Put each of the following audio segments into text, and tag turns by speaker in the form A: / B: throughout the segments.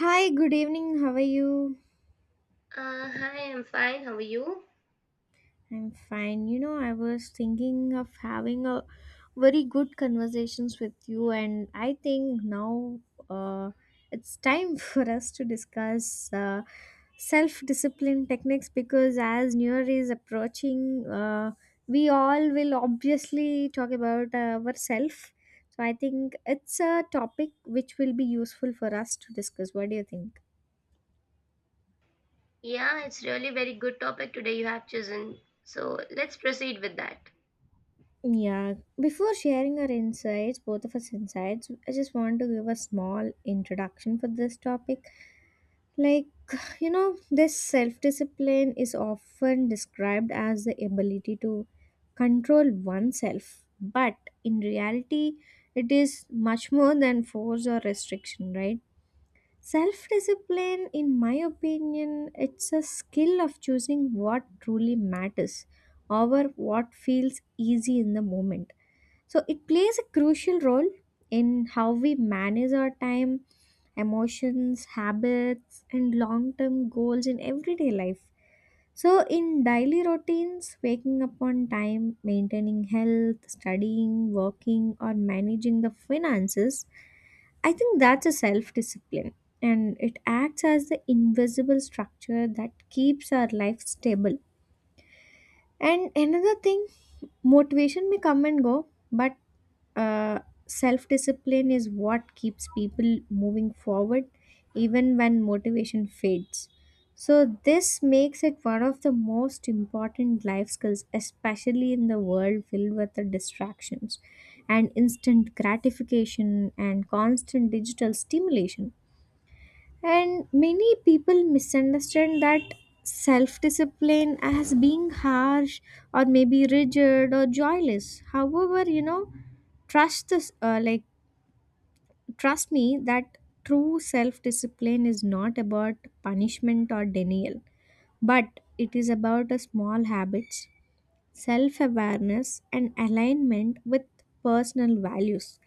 A: Hi, good evening. How are you?
B: Hi, I'm fine. How are you?
A: I'm fine. I was thinking of having a very good conversations with you, and I think now uh, it's time for us to discuss self-discipline techniques because as New Year is approaching, we all will obviously talk about ourselves. So I think it's a topic which will be useful for us to discuss. What do you think?
B: Yeah, it's really very good topic today you have chosen. So let's proceed with that.
A: Yeah, before sharing our insights, both of us insights, I just want to give a small introduction for this topic. Like, this self discipline is often described as the ability to control oneself, but in reality, it is much more than force or restriction, right? Self discipline, in my opinion, it's a skill of choosing what truly matters over what feels easy in the moment, so it plays a crucial role in how we manage our time, emotions, habits, and long term goals in everyday life. So, in daily routines, waking up on time, maintaining health, studying, working, or managing the finances, I think that's a self discipline, and it acts as the invisible structure that keeps our life stable. And another thing, motivation may come and go, but uh, self discipline is what keeps people moving forward even when motivation fades. So, this makes it one of the most important life skills, especially in the world filled with the distractions and instant gratification and constant digital stimulation. And many people misunderstand that self discipline as being harsh or maybe rigid or joyless. However, trust this, uh, like, trust me that true self discipline is not about punishment or denial, but it is about a small habits, self awareness, and alignment with personal values.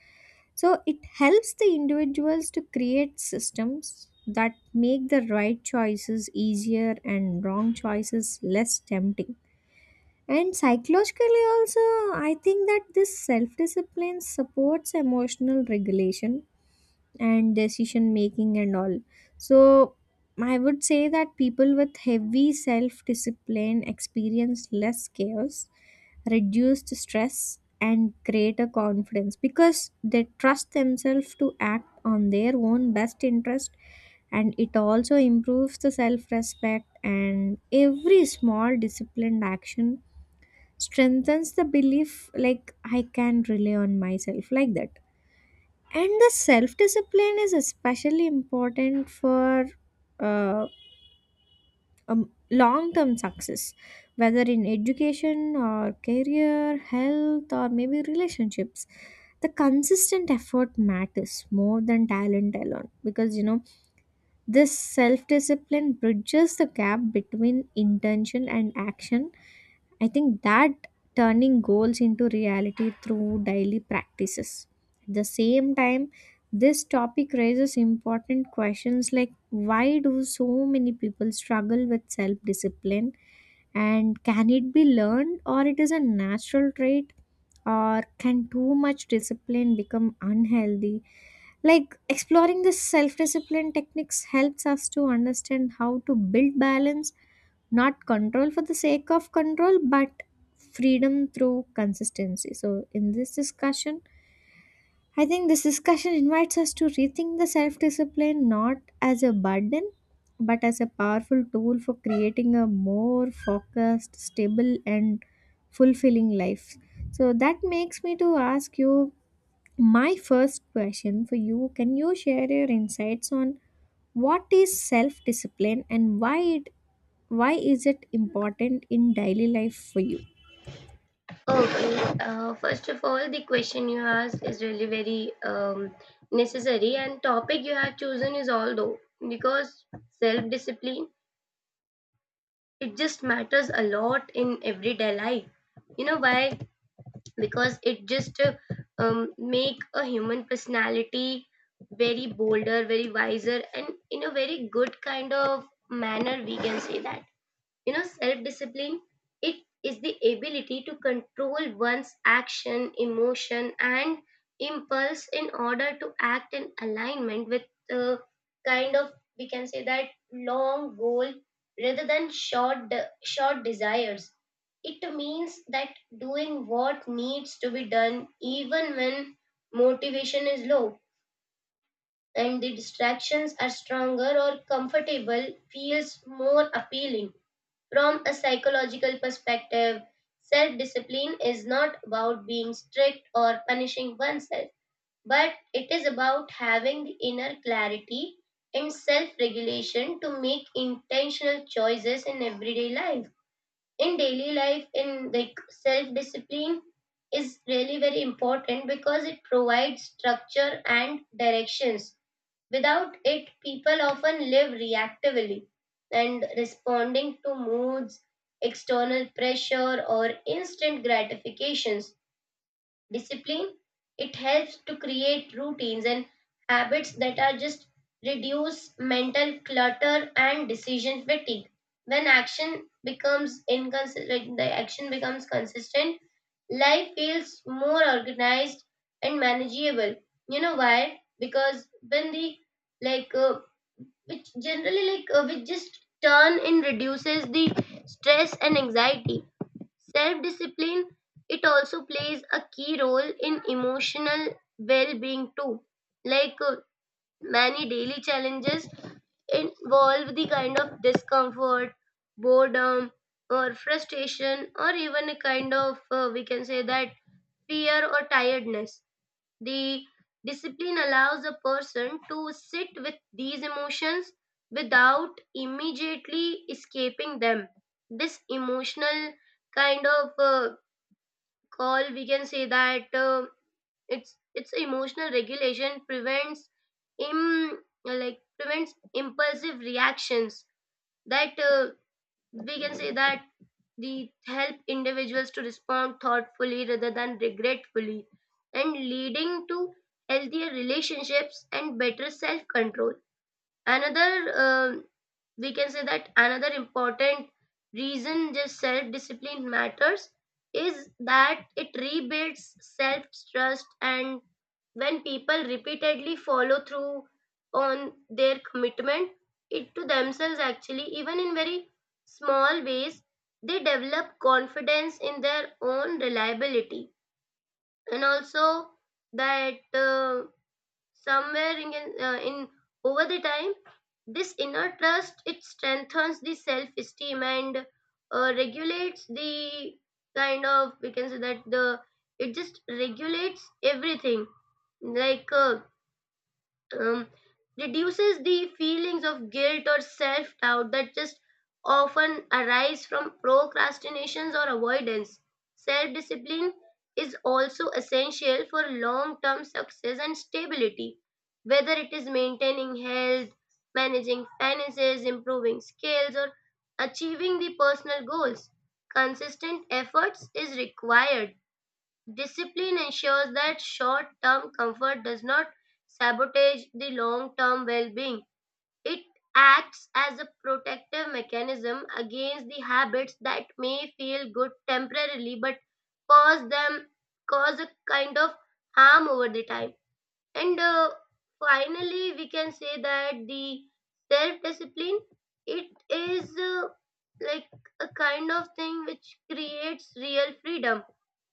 A: So it helps the individuals to create systems that make the right choices easier and wrong choices less tempting. And psychologically, also, I think that this self discipline supports emotional regulation and decision making and all. So I would say that people with heavy self discipline experience less chaos, reduced stress, and greater confidence because they trust themselves to act on their own best interest, and it also improves the self respect, and every small disciplined action strengthens the belief like I can rely on myself like that. And the self discipline is especially important for uh, long term success, whether in education or career, health, or maybe relationships. The consistent effort matters more than talent alone because this self discipline bridges the gap between intention and action. I think that turning goals into reality through daily practices. At the same time, this topic raises important questions like why do so many people struggle with self discipline, and can it be learned or it is a natural trait, or can too much discipline become unhealthy. Like exploring the self discipline techniques helps us to understand how to build balance, not control for the sake of control, but freedom through consistency. So, in this discussion, I think this discussion invites us to rethink the self discipline not as a burden, but as a powerful tool for creating a more focused, stable, and fulfilling life. So, that makes me to ask you my first question for you, can you share your insights on what is self discipline and why it, why is it important in daily life for you?
B: Okay. First of all, the question you asked is really very necessary, and topic you have chosen is although because self discipline it just matters a lot in everyday life. You know why? Because it just make a human personality very bolder, very wiser, and in a very good kind of manner, we can say that, you know, self discipline, it is the ability to control one's action, emotion, and impulse in order to act in alignment with, uh, kind of, we can say that, long goal rather than short desires. It means that doing what needs to be done even when motivation is low and the distractions are stronger or comfortable feels more appealing. From a psychological perspective, self discipline is not about being strict or punishing oneself, but it is about having the inner clarity and self regulation to make intentional choices in everyday life. In daily life, in like self discipline is really very important because it provides structure and directions. Without it, people often live reactively and responding to moods, external pressure, or instant gratifications. Discipline, it helps to create routines and habits that are just reduce mental clutter and decision fatigue. When action becomes inconsistent, like the action becomes consistent, life feels more organized and manageable. You know why? Because when the, like which generally, like which just turn in reduces the stress and anxiety. Self-discipline, it also plays a key role in emotional well-being too. Like uh, Many daily challenges involve the kind of discomfort, boredom, or frustration, or even a kind of, we can say that, fear or tiredness. The discipline allows a person to sit with these emotions without immediately escaping them. This emotional kind of, or we can say that, it's emotional regulation prevents im like prevents impulsive reactions that, we can say that, the help individuals to respond thoughtfully rather than regretfully and leading to healthier relationships and better self control. Another um we can say that another important reason just self discipline matters is that it rebuilds self trust. And when people repeatedly follow through on their commitment it to themselves, actually, even in very small ways, they develop confidence in their own reliability. And also that, somewhere in, uh, in over the time, this inner trust, it strengthens the self-esteem and, regulates the kind of, we can say that, the it just regulates everything. Like uh, um, Reduces the feelings of guilt or self doubt that just often arise from procrastinations or avoidance. Self discipline is also essential for long term success and stability, whether it is maintaining health, managing finances, improving skills, or achieving the personal goals. Consistent efforts is required. Discipline ensures that short term comfort does not sabotage the long term well being. It acts as a protective mechanism against the habits that may feel good temporarily but cause them cause a kind of harm over the time. And finally, we can say that the self discipline, it is, like, a kind of thing which creates real freedom.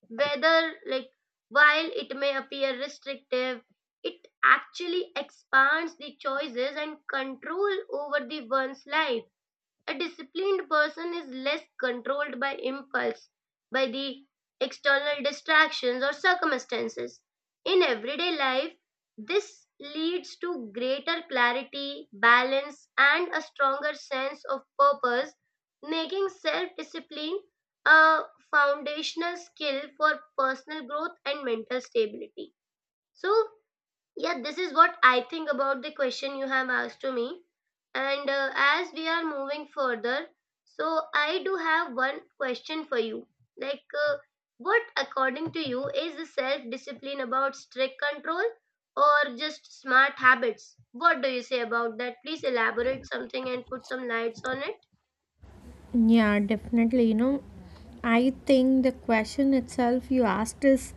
B: Whether like while it may appear restrictive, it actually expands the choices and control over the one's life. A disciplined person is less controlled by impulse, by the external distractions or circumstances. In everyday life, this leads to greater clarity, balance, and a stronger sense of purpose, making self discipline a foundational skill for personal growth and mental stability. So yeah, this is what I think about the question you have asked to me. And as we are moving further, so I do have one question for you. Like, uh, what according to you is the self discipline about strict control or just smart habits? What do you say about that? Please elaborate something and put some lights on it.
A: Yeah, definitely. You know, I think the question itself you asked is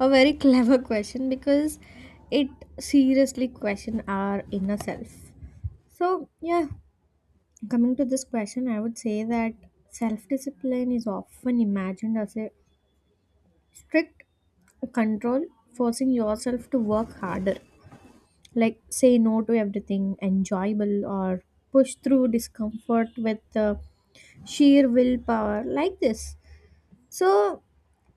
A: a very clever question because it seriously question our inner self. So, yeah, coming to this question, I would say that self-discipline is often imagined as a strict control, forcing yourself to work harder, like say no to everything enjoyable or push through discomfort with sheer willpower like this. So,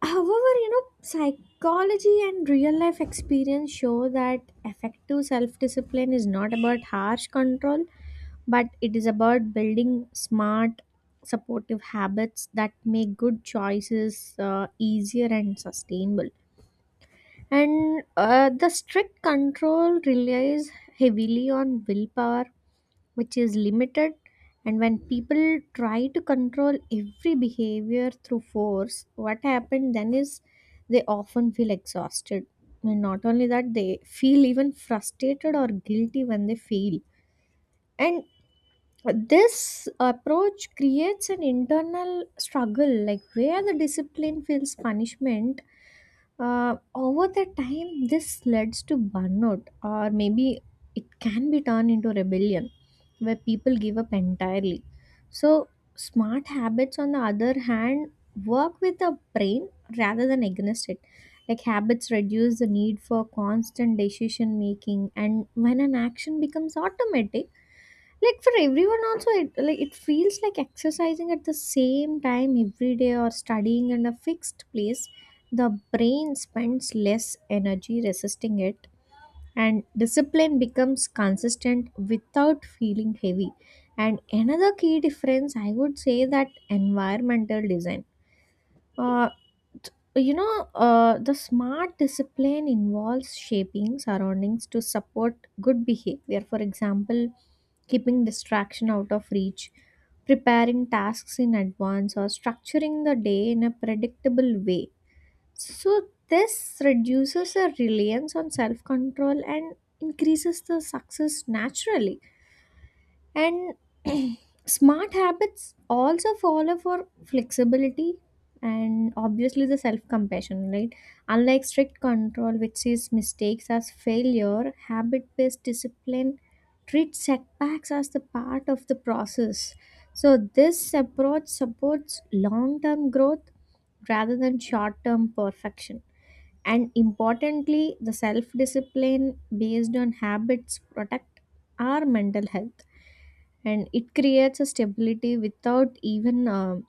A: however, you know, psychology and real life experience show that effective self discipline is not about harsh control, but it is about building smart supportive habits that make good choices easier and sustainable. And the strict control relies heavily on willpower, which is limited. And when people try to control every behavior through force, what happens then is they often feel exhausted. And not only that, they feel even frustrated or guilty when they fail. And this approach creates an internal struggle, like where the discipline feels punishment. Over the time, this leads to burnout, or maybe it can be turned into rebellion where people give up entirely. So, smart habits, on the other hand, work with the brain rather than against it. Like habits reduce the need for constant decision making, and when an action becomes automatic, like for everyone also it like it feels like exercising at the same time every day or studying in a fixed place, the brain spends less energy resisting it, and discipline becomes consistent without feeling heavy. And another key difference I would say that environmental design. Uh, t- you know, the smart discipline involves shaping surroundings to support good behavior, for example, keeping distraction out of reach, preparing tasks in advance, or structuring the day in a predictable way. So, this reduces our reliance on self control and increases the success naturally. And smart habits also follow for flexibility and obviously the self compassion, right? Unlike strict control, which sees mistakes as failure, habit based discipline treats setbacks as the part of the process. So, this approach supports long term growth rather than short term perfection. And importantly, the self discipline based on habits protect our mental health, and it creates a stability without even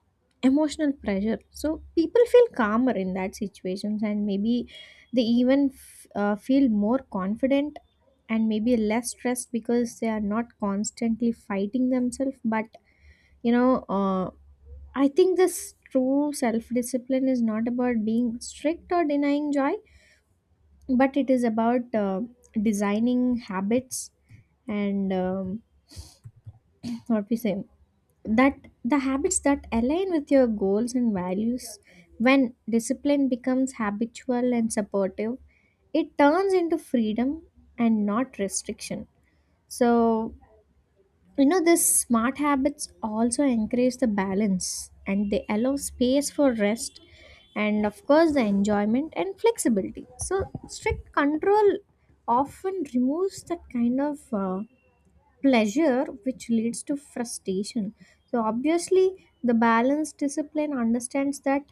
A: emotional pressure. So people feel calmer in that situations, and maybe they even feel more confident and maybe less stressed because they are not constantly fighting themselves, but you know uh, I think this true self discipline is not about being strict or denying joy, but it is about designing habits and what we say that the habits that align with your goals and values. When discipline becomes habitual and supportive, it turns into freedom and not restriction. So, you know, these smart habits also encourage the balance, and they allow space for rest and, of course, the enjoyment and flexibility. So, strict control often removes that kind of pleasure which leads to frustration. So, obviously, the balanced discipline understands that,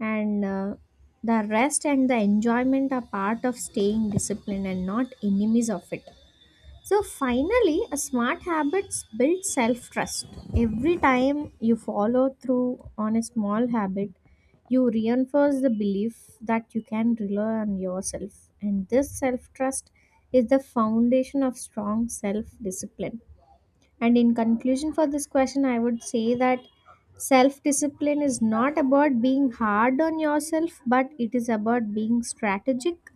A: and the rest and the enjoyment are part of staying disciplined and not enemies of it. So finally, a smart habits build self trust. Every time you follow through on a small habit, you reinforce the belief that you can rely on yourself. And this self trust is the foundation of strong self discipline. And in conclusion for this question, I would say that self discipline is not about being hard on yourself, but it is about being strategic,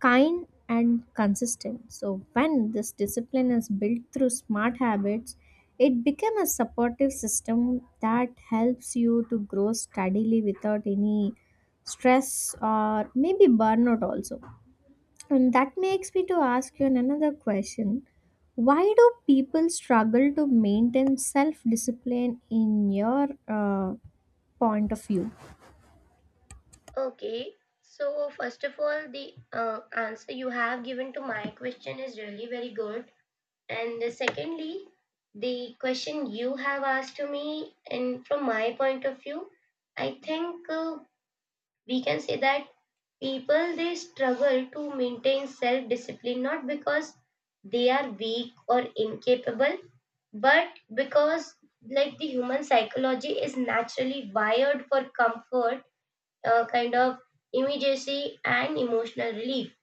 A: kind, and consistent. So, when this discipline is built through smart habits, it becomes a supportive system that helps you to grow steadily without any stress or maybe burnout also. And that makes me to ask you another question. Why do people struggle to maintain self-discipline in your point of view?
B: Okay. So first of all, the answer you have given to my question is really very good. And secondly, the question you have asked to me, and from my point of view, I think, we can say that people they struggle to maintain self discipline not because they are weak or incapable, but because like the human psychology is naturally wired for comfort, kind of immediacy, and emotional relief.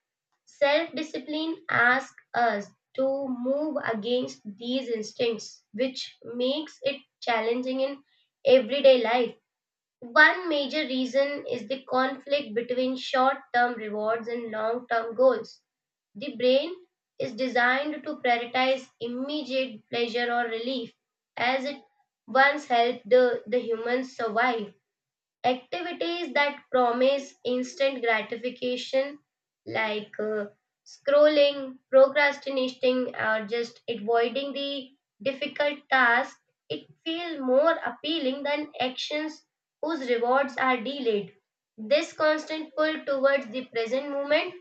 B: Self-discipline asks us to move against these instincts, which makes it challenging in everyday life. One major reason is the conflict between short term rewards and long term goals. The brain is designed to prioritize immediate pleasure or relief, as it once helped the humans survive. Activities that promise instant gratification, like uh, scrolling, procrastinating, or just avoiding the difficult task, it feels more appealing than actions whose rewards are delayed. This constant pull towards the present moment,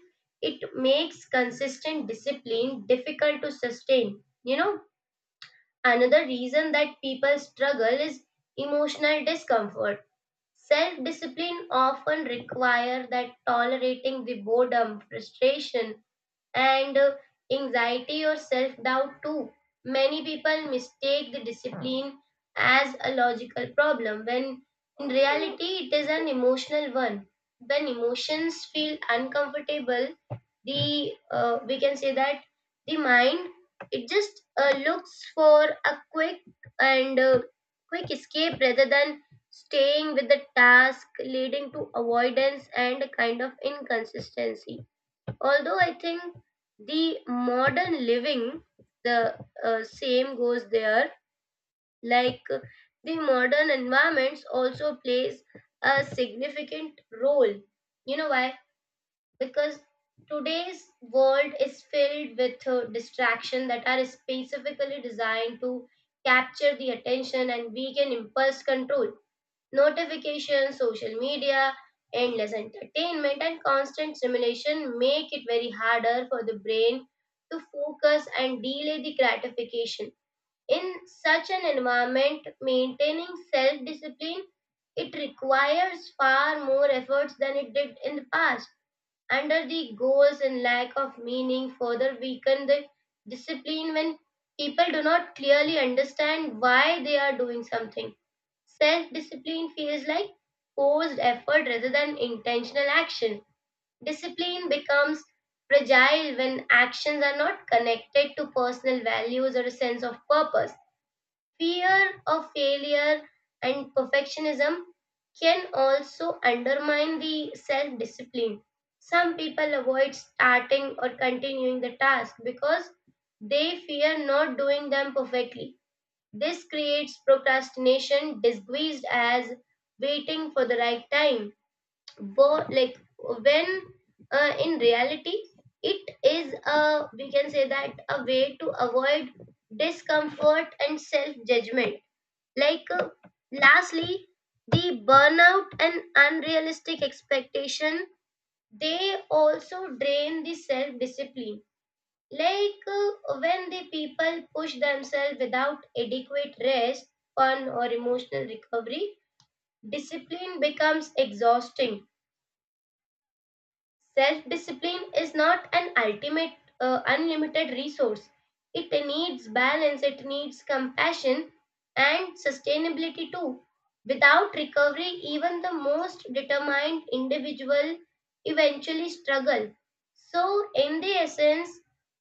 B: it makes consistent discipline difficult to sustain. You know, another reason that people struggle is emotional discomfort. Self-discipline often requires that tolerating the boredom, frustration, and, anxiety or self doubt too. Many people mistake the discipline as a logical problem when in reality it is an emotional one. When emotions feel uncomfortable, the, we can say that, the mind, it just looks for a quick and, quick escape rather than staying with the task, leading to avoidance and a kind of inconsistency. Although I think the modern living, the, same goes there. like uh, the modern environments also plays a significant role. You know why? Because today's world is filled with distraction that are specifically designed to capture the attention and weaken impulse control. Notifications, social media, endless entertainment, and constant stimulation make it very harder for the brain to focus and delay the gratification. In such an environment, maintaining self discipline, it requires far more efforts than it did in the past. Under the goals and lack of meaning further weaken the discipline when people do not clearly understand why they are doing something. Self-discipline feels like forced effort rather than intentional action. Discipline becomes fragile when actions are not connected to personal values or a sense of purpose. Fear of failure and perfectionism can also undermine the self-discipline. Some people avoid starting or continuing the task because they fear not doing them perfectly. This creates procrastination, disguised as waiting for the right time. Like when, in reality, it is a, we can say that, a way to avoid discomfort and self judgment. Like uh, Lastly, the burnout and unrealistic expectation, they also drain the self discipline. When the people push themselves without adequate rest, fun, or emotional recovery, discipline becomes exhausting. Self-discipline is not an ultimate, unlimited resource. It needs balance, it needs compassion, and sustainability too. Without recovery, even the most determined individual eventually struggle. So in the essence,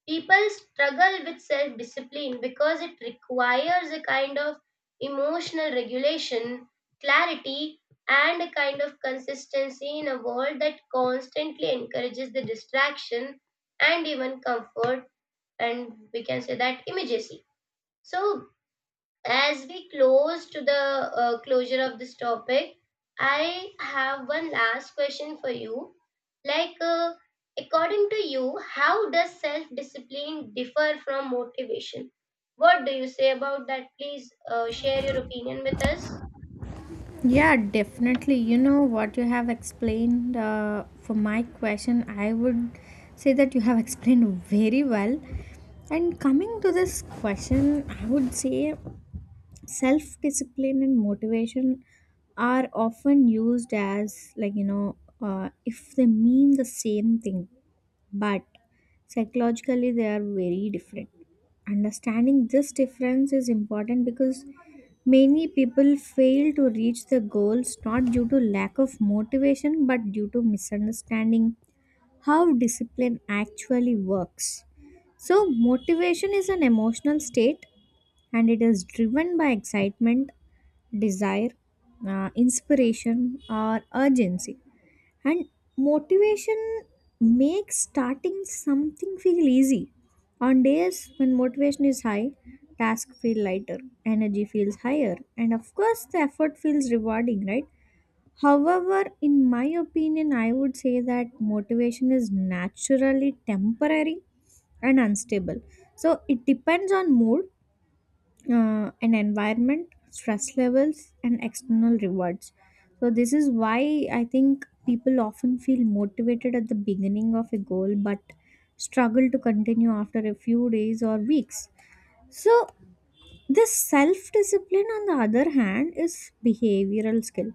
B: people struggle with self-discipline because it requires a kind of emotional regulation, clarity, and a kind of consistency in a world that constantly encourages the distraction and even comfort and, we can say, that immediacy. So as we close to the, closure of this topic, I have one last question for you. Like, according to you, how does self discipline differ from motivation? What do you say about that? Please share your opinion with us.
A: Yeah, definitely. You know what you have explained for my question, I would say that you have explained very well. And coming to this question, I would say self discipline and motivation are often used as like if they mean the same thing, but psychologically they are very different. Understanding this difference is important because many people fail to reach their goals not due to lack of motivation but due to misunderstanding how discipline actually works. So, motivation is an emotional state, and it is driven by excitement, desire, inspiration, or urgency. And motivation makes starting something feel easy. On days when motivation is high, tasks feel lighter, energy feels higher, and of course, the effort feels rewarding, right? However, in my opinion, I would say that motivation is naturally temporary and unstable. So it depends on mood, an environment, stress levels, and external rewards. So, this is why I think people often feel motivated at the beginning of a goal but struggle to continue after a few days or weeks. So, this self discipline, on the other hand, is behavioral skill.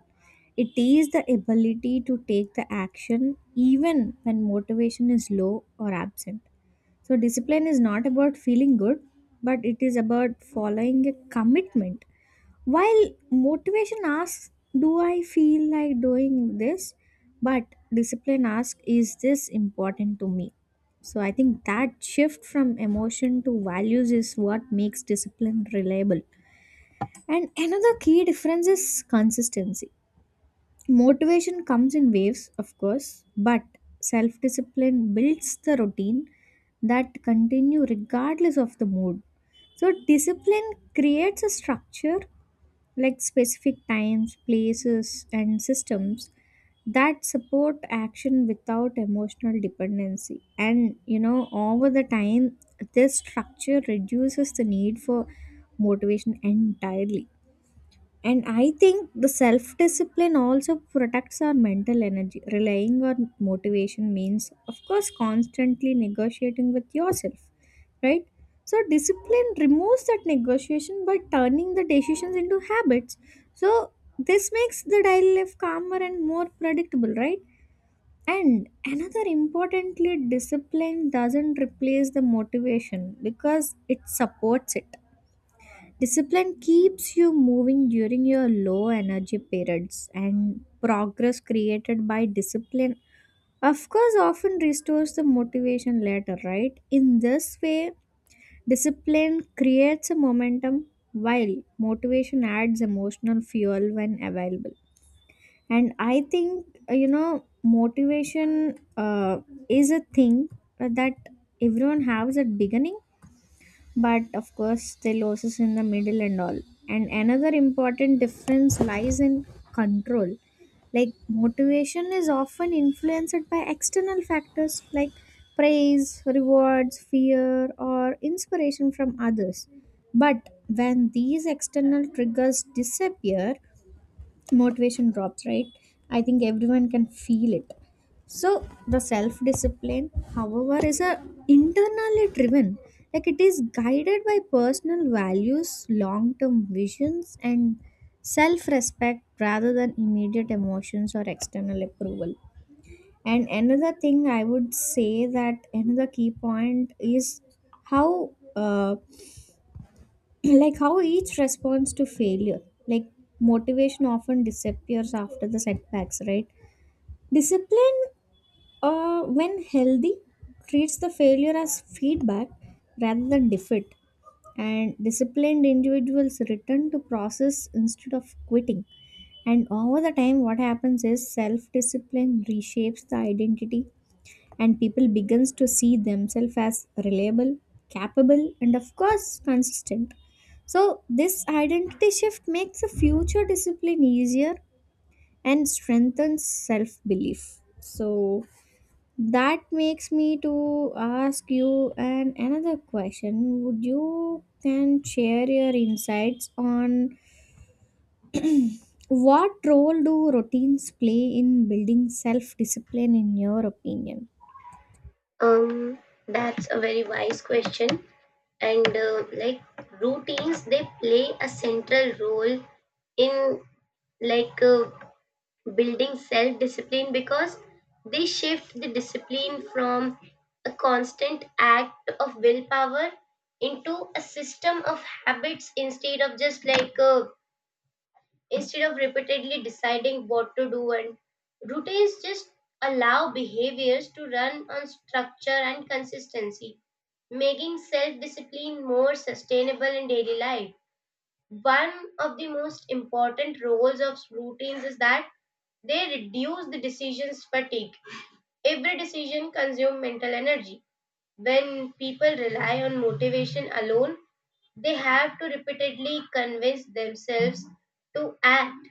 A: It is the ability to take the action even when motivation is low or absent. So, discipline is not about feeling good, but it is about following a commitment. While motivation asks, do I feel like doing this? But discipline asks, is this important to me? So, I think that shift from emotion to values is what makes discipline reliable. And another key difference is consistency. Motivation comes in waves, of course, but self discipline builds the routine that continue regardless of the mood. So discipline creates a structure like specific times, places and systems that support action without emotional dependency. And you know, over the time this structure reduces the need for motivation entirely. And I think the self discipline also protects our mental energy. Relying on motivation means, of course, constantly negotiating with yourself, right? So, discipline removes that negotiation by turning the decisions into habits. So, this makes the daily life calmer and more predictable, right? And another importantly, discipline doesn't replace the motivation because it supports it. Discipline keeps you moving during your low energy periods, and progress created by discipline, of course, often restores the motivation later, right? In this way, discipline creates a momentum while motivation adds emotional fuel when available. And I think, you know, motivation is a thing that everyone has at beginning, but of course the losses in the middle and all. And another important difference lies in control. Like motivation is often influenced by external factors like praise, rewards, fear, or inspiration from others, but when these external triggers disappear, motivation drops, right? I think everyone can feel it. So the self discipline, however, is a internally driven, like it is guided by personal values, long term visions, and self respect rather than immediate emotions or external approval. And another thing I would say that another key point is how uh, how each responds to failure. Like motivation often disappears after the setbacks, right? Discipline, when healthy, treats the failure as feedback rather than defeat, and disciplined individuals return to process instead of quitting. And over the time what happens is self discipline reshapes the identity, and people begins to see themselves as reliable, capable, and of course consistent. So this identity shift makes a future discipline easier and strengthens self belief. So that makes me to ask you an another question. Would you can share your insights on what role do routines play in building self discipline in your opinion?
B: Um, that's a very wise question. And like, routines they play a central role in, like uh, building self discipline because they shift the discipline from a constant act of willpower into a system of habits. Instead of just instead of repeatedly deciding what to do, and routines just allow behaviors to run on structure and consistency, making self discipline more sustainable in daily life. One of the most important roles of routines is that they reduce the decisions fatigue. Every decision consumes mental energy. When people rely on motivation alone, they have to repeatedly convince themselves to act.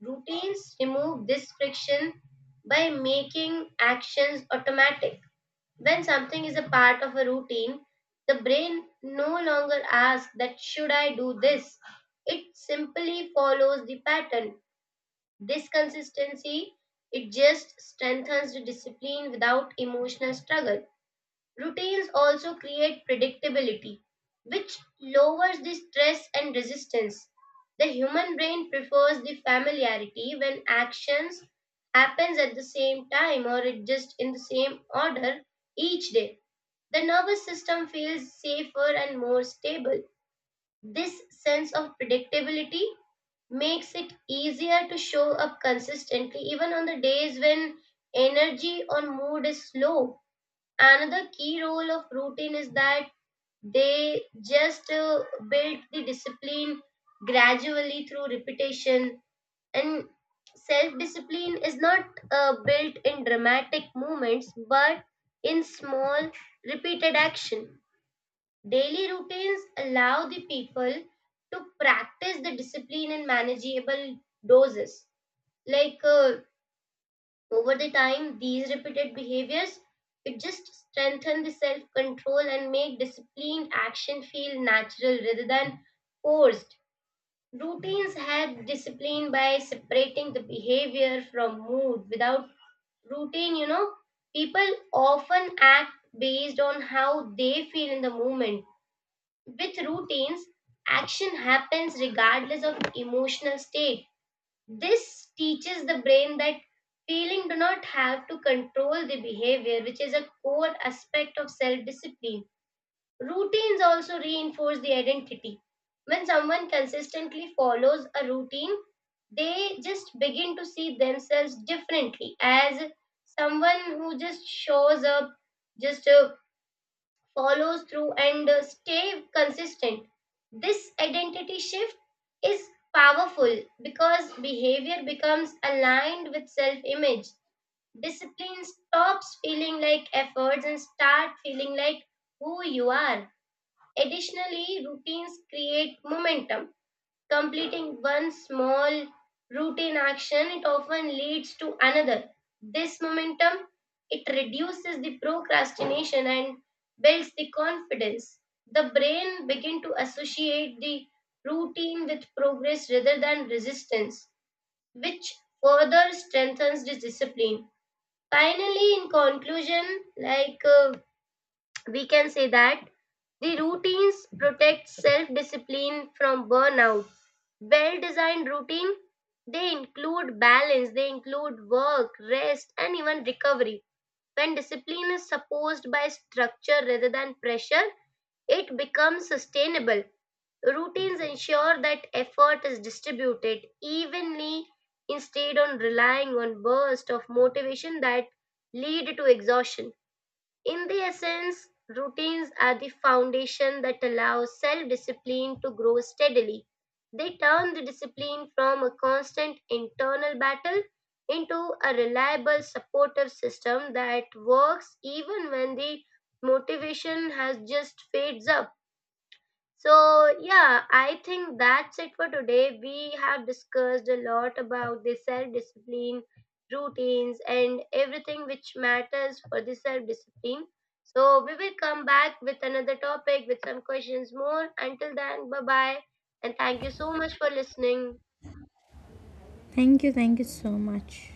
B: Routines remove this friction by making actions automatic. When something is a part of a routine, the brain no longer asks that should I do this? It simply follows the pattern. This consistency, it just strengthens the discipline without emotional struggle. Routines also create predictability, which lowers the stress and resistance. The human brain prefers the familiarity. When actions happens at the same time, or it just in the same order each day, the nervous system feels safer and more stable. This sense of predictability makes it easier to show up consistently, even on the days when energy or mood is slow. Another key role of routine is that they just build the discipline gradually through repetition. And self discipline is not built in dramatic moments but in small, repeated action. Daily routines allow the people to practice the discipline in manageable doses. Like uh, Over the time, these repeated behaviors, it just strengthen the self control and make disciplined action feel natural rather than forced. Routines help discipline by separating the behavior from mood. Without routine, you know, people often act based on how they feel in the moment. With routines, action happens regardless of emotional state. This teaches the brain that feeling do not have to control the behavior, which is a core aspect of self-discipline. Routines also reinforce the identity. When someone consistently follows a routine, they just begin to see themselves differently as someone who just shows up, just follows through and stay consistent. This identity shift is powerful because behavior becomes aligned with self image. Discipline stops feeling like efforts and start feeling like who you are. Additionally, routines create momentum. Completing one small routine action, it often leads to another. This momentum, it reduces the procrastination and builds the confidence. The brain begin to associate the routine with progress rather than resistance, which further strengthens the discipline. Finally, in conclusion, like uh, we can say that the routines protect self-discipline from burnout. Well-designed routine, they include balance, they include work, rest, and even recovery. When discipline is supposed by structure rather than pressure, it becomes sustainable. Routines ensure that effort is distributed evenly instead on relying on bursts of motivation that lead to exhaustion. In the essence, routines are the foundation that allows self discipline to grow steadily. They turn the discipline from a constant internal battle into a reliable supportive system that works even when the motivation has just fades up. So yeah, I think that's it for today. We have discussed a lot about the self discipline, routines, and everything which matters for the self discipline. So we will come back with another topic with some questions more. Until then, bye bye. And thank you so much for listening.
A: Thank you, thank you so much.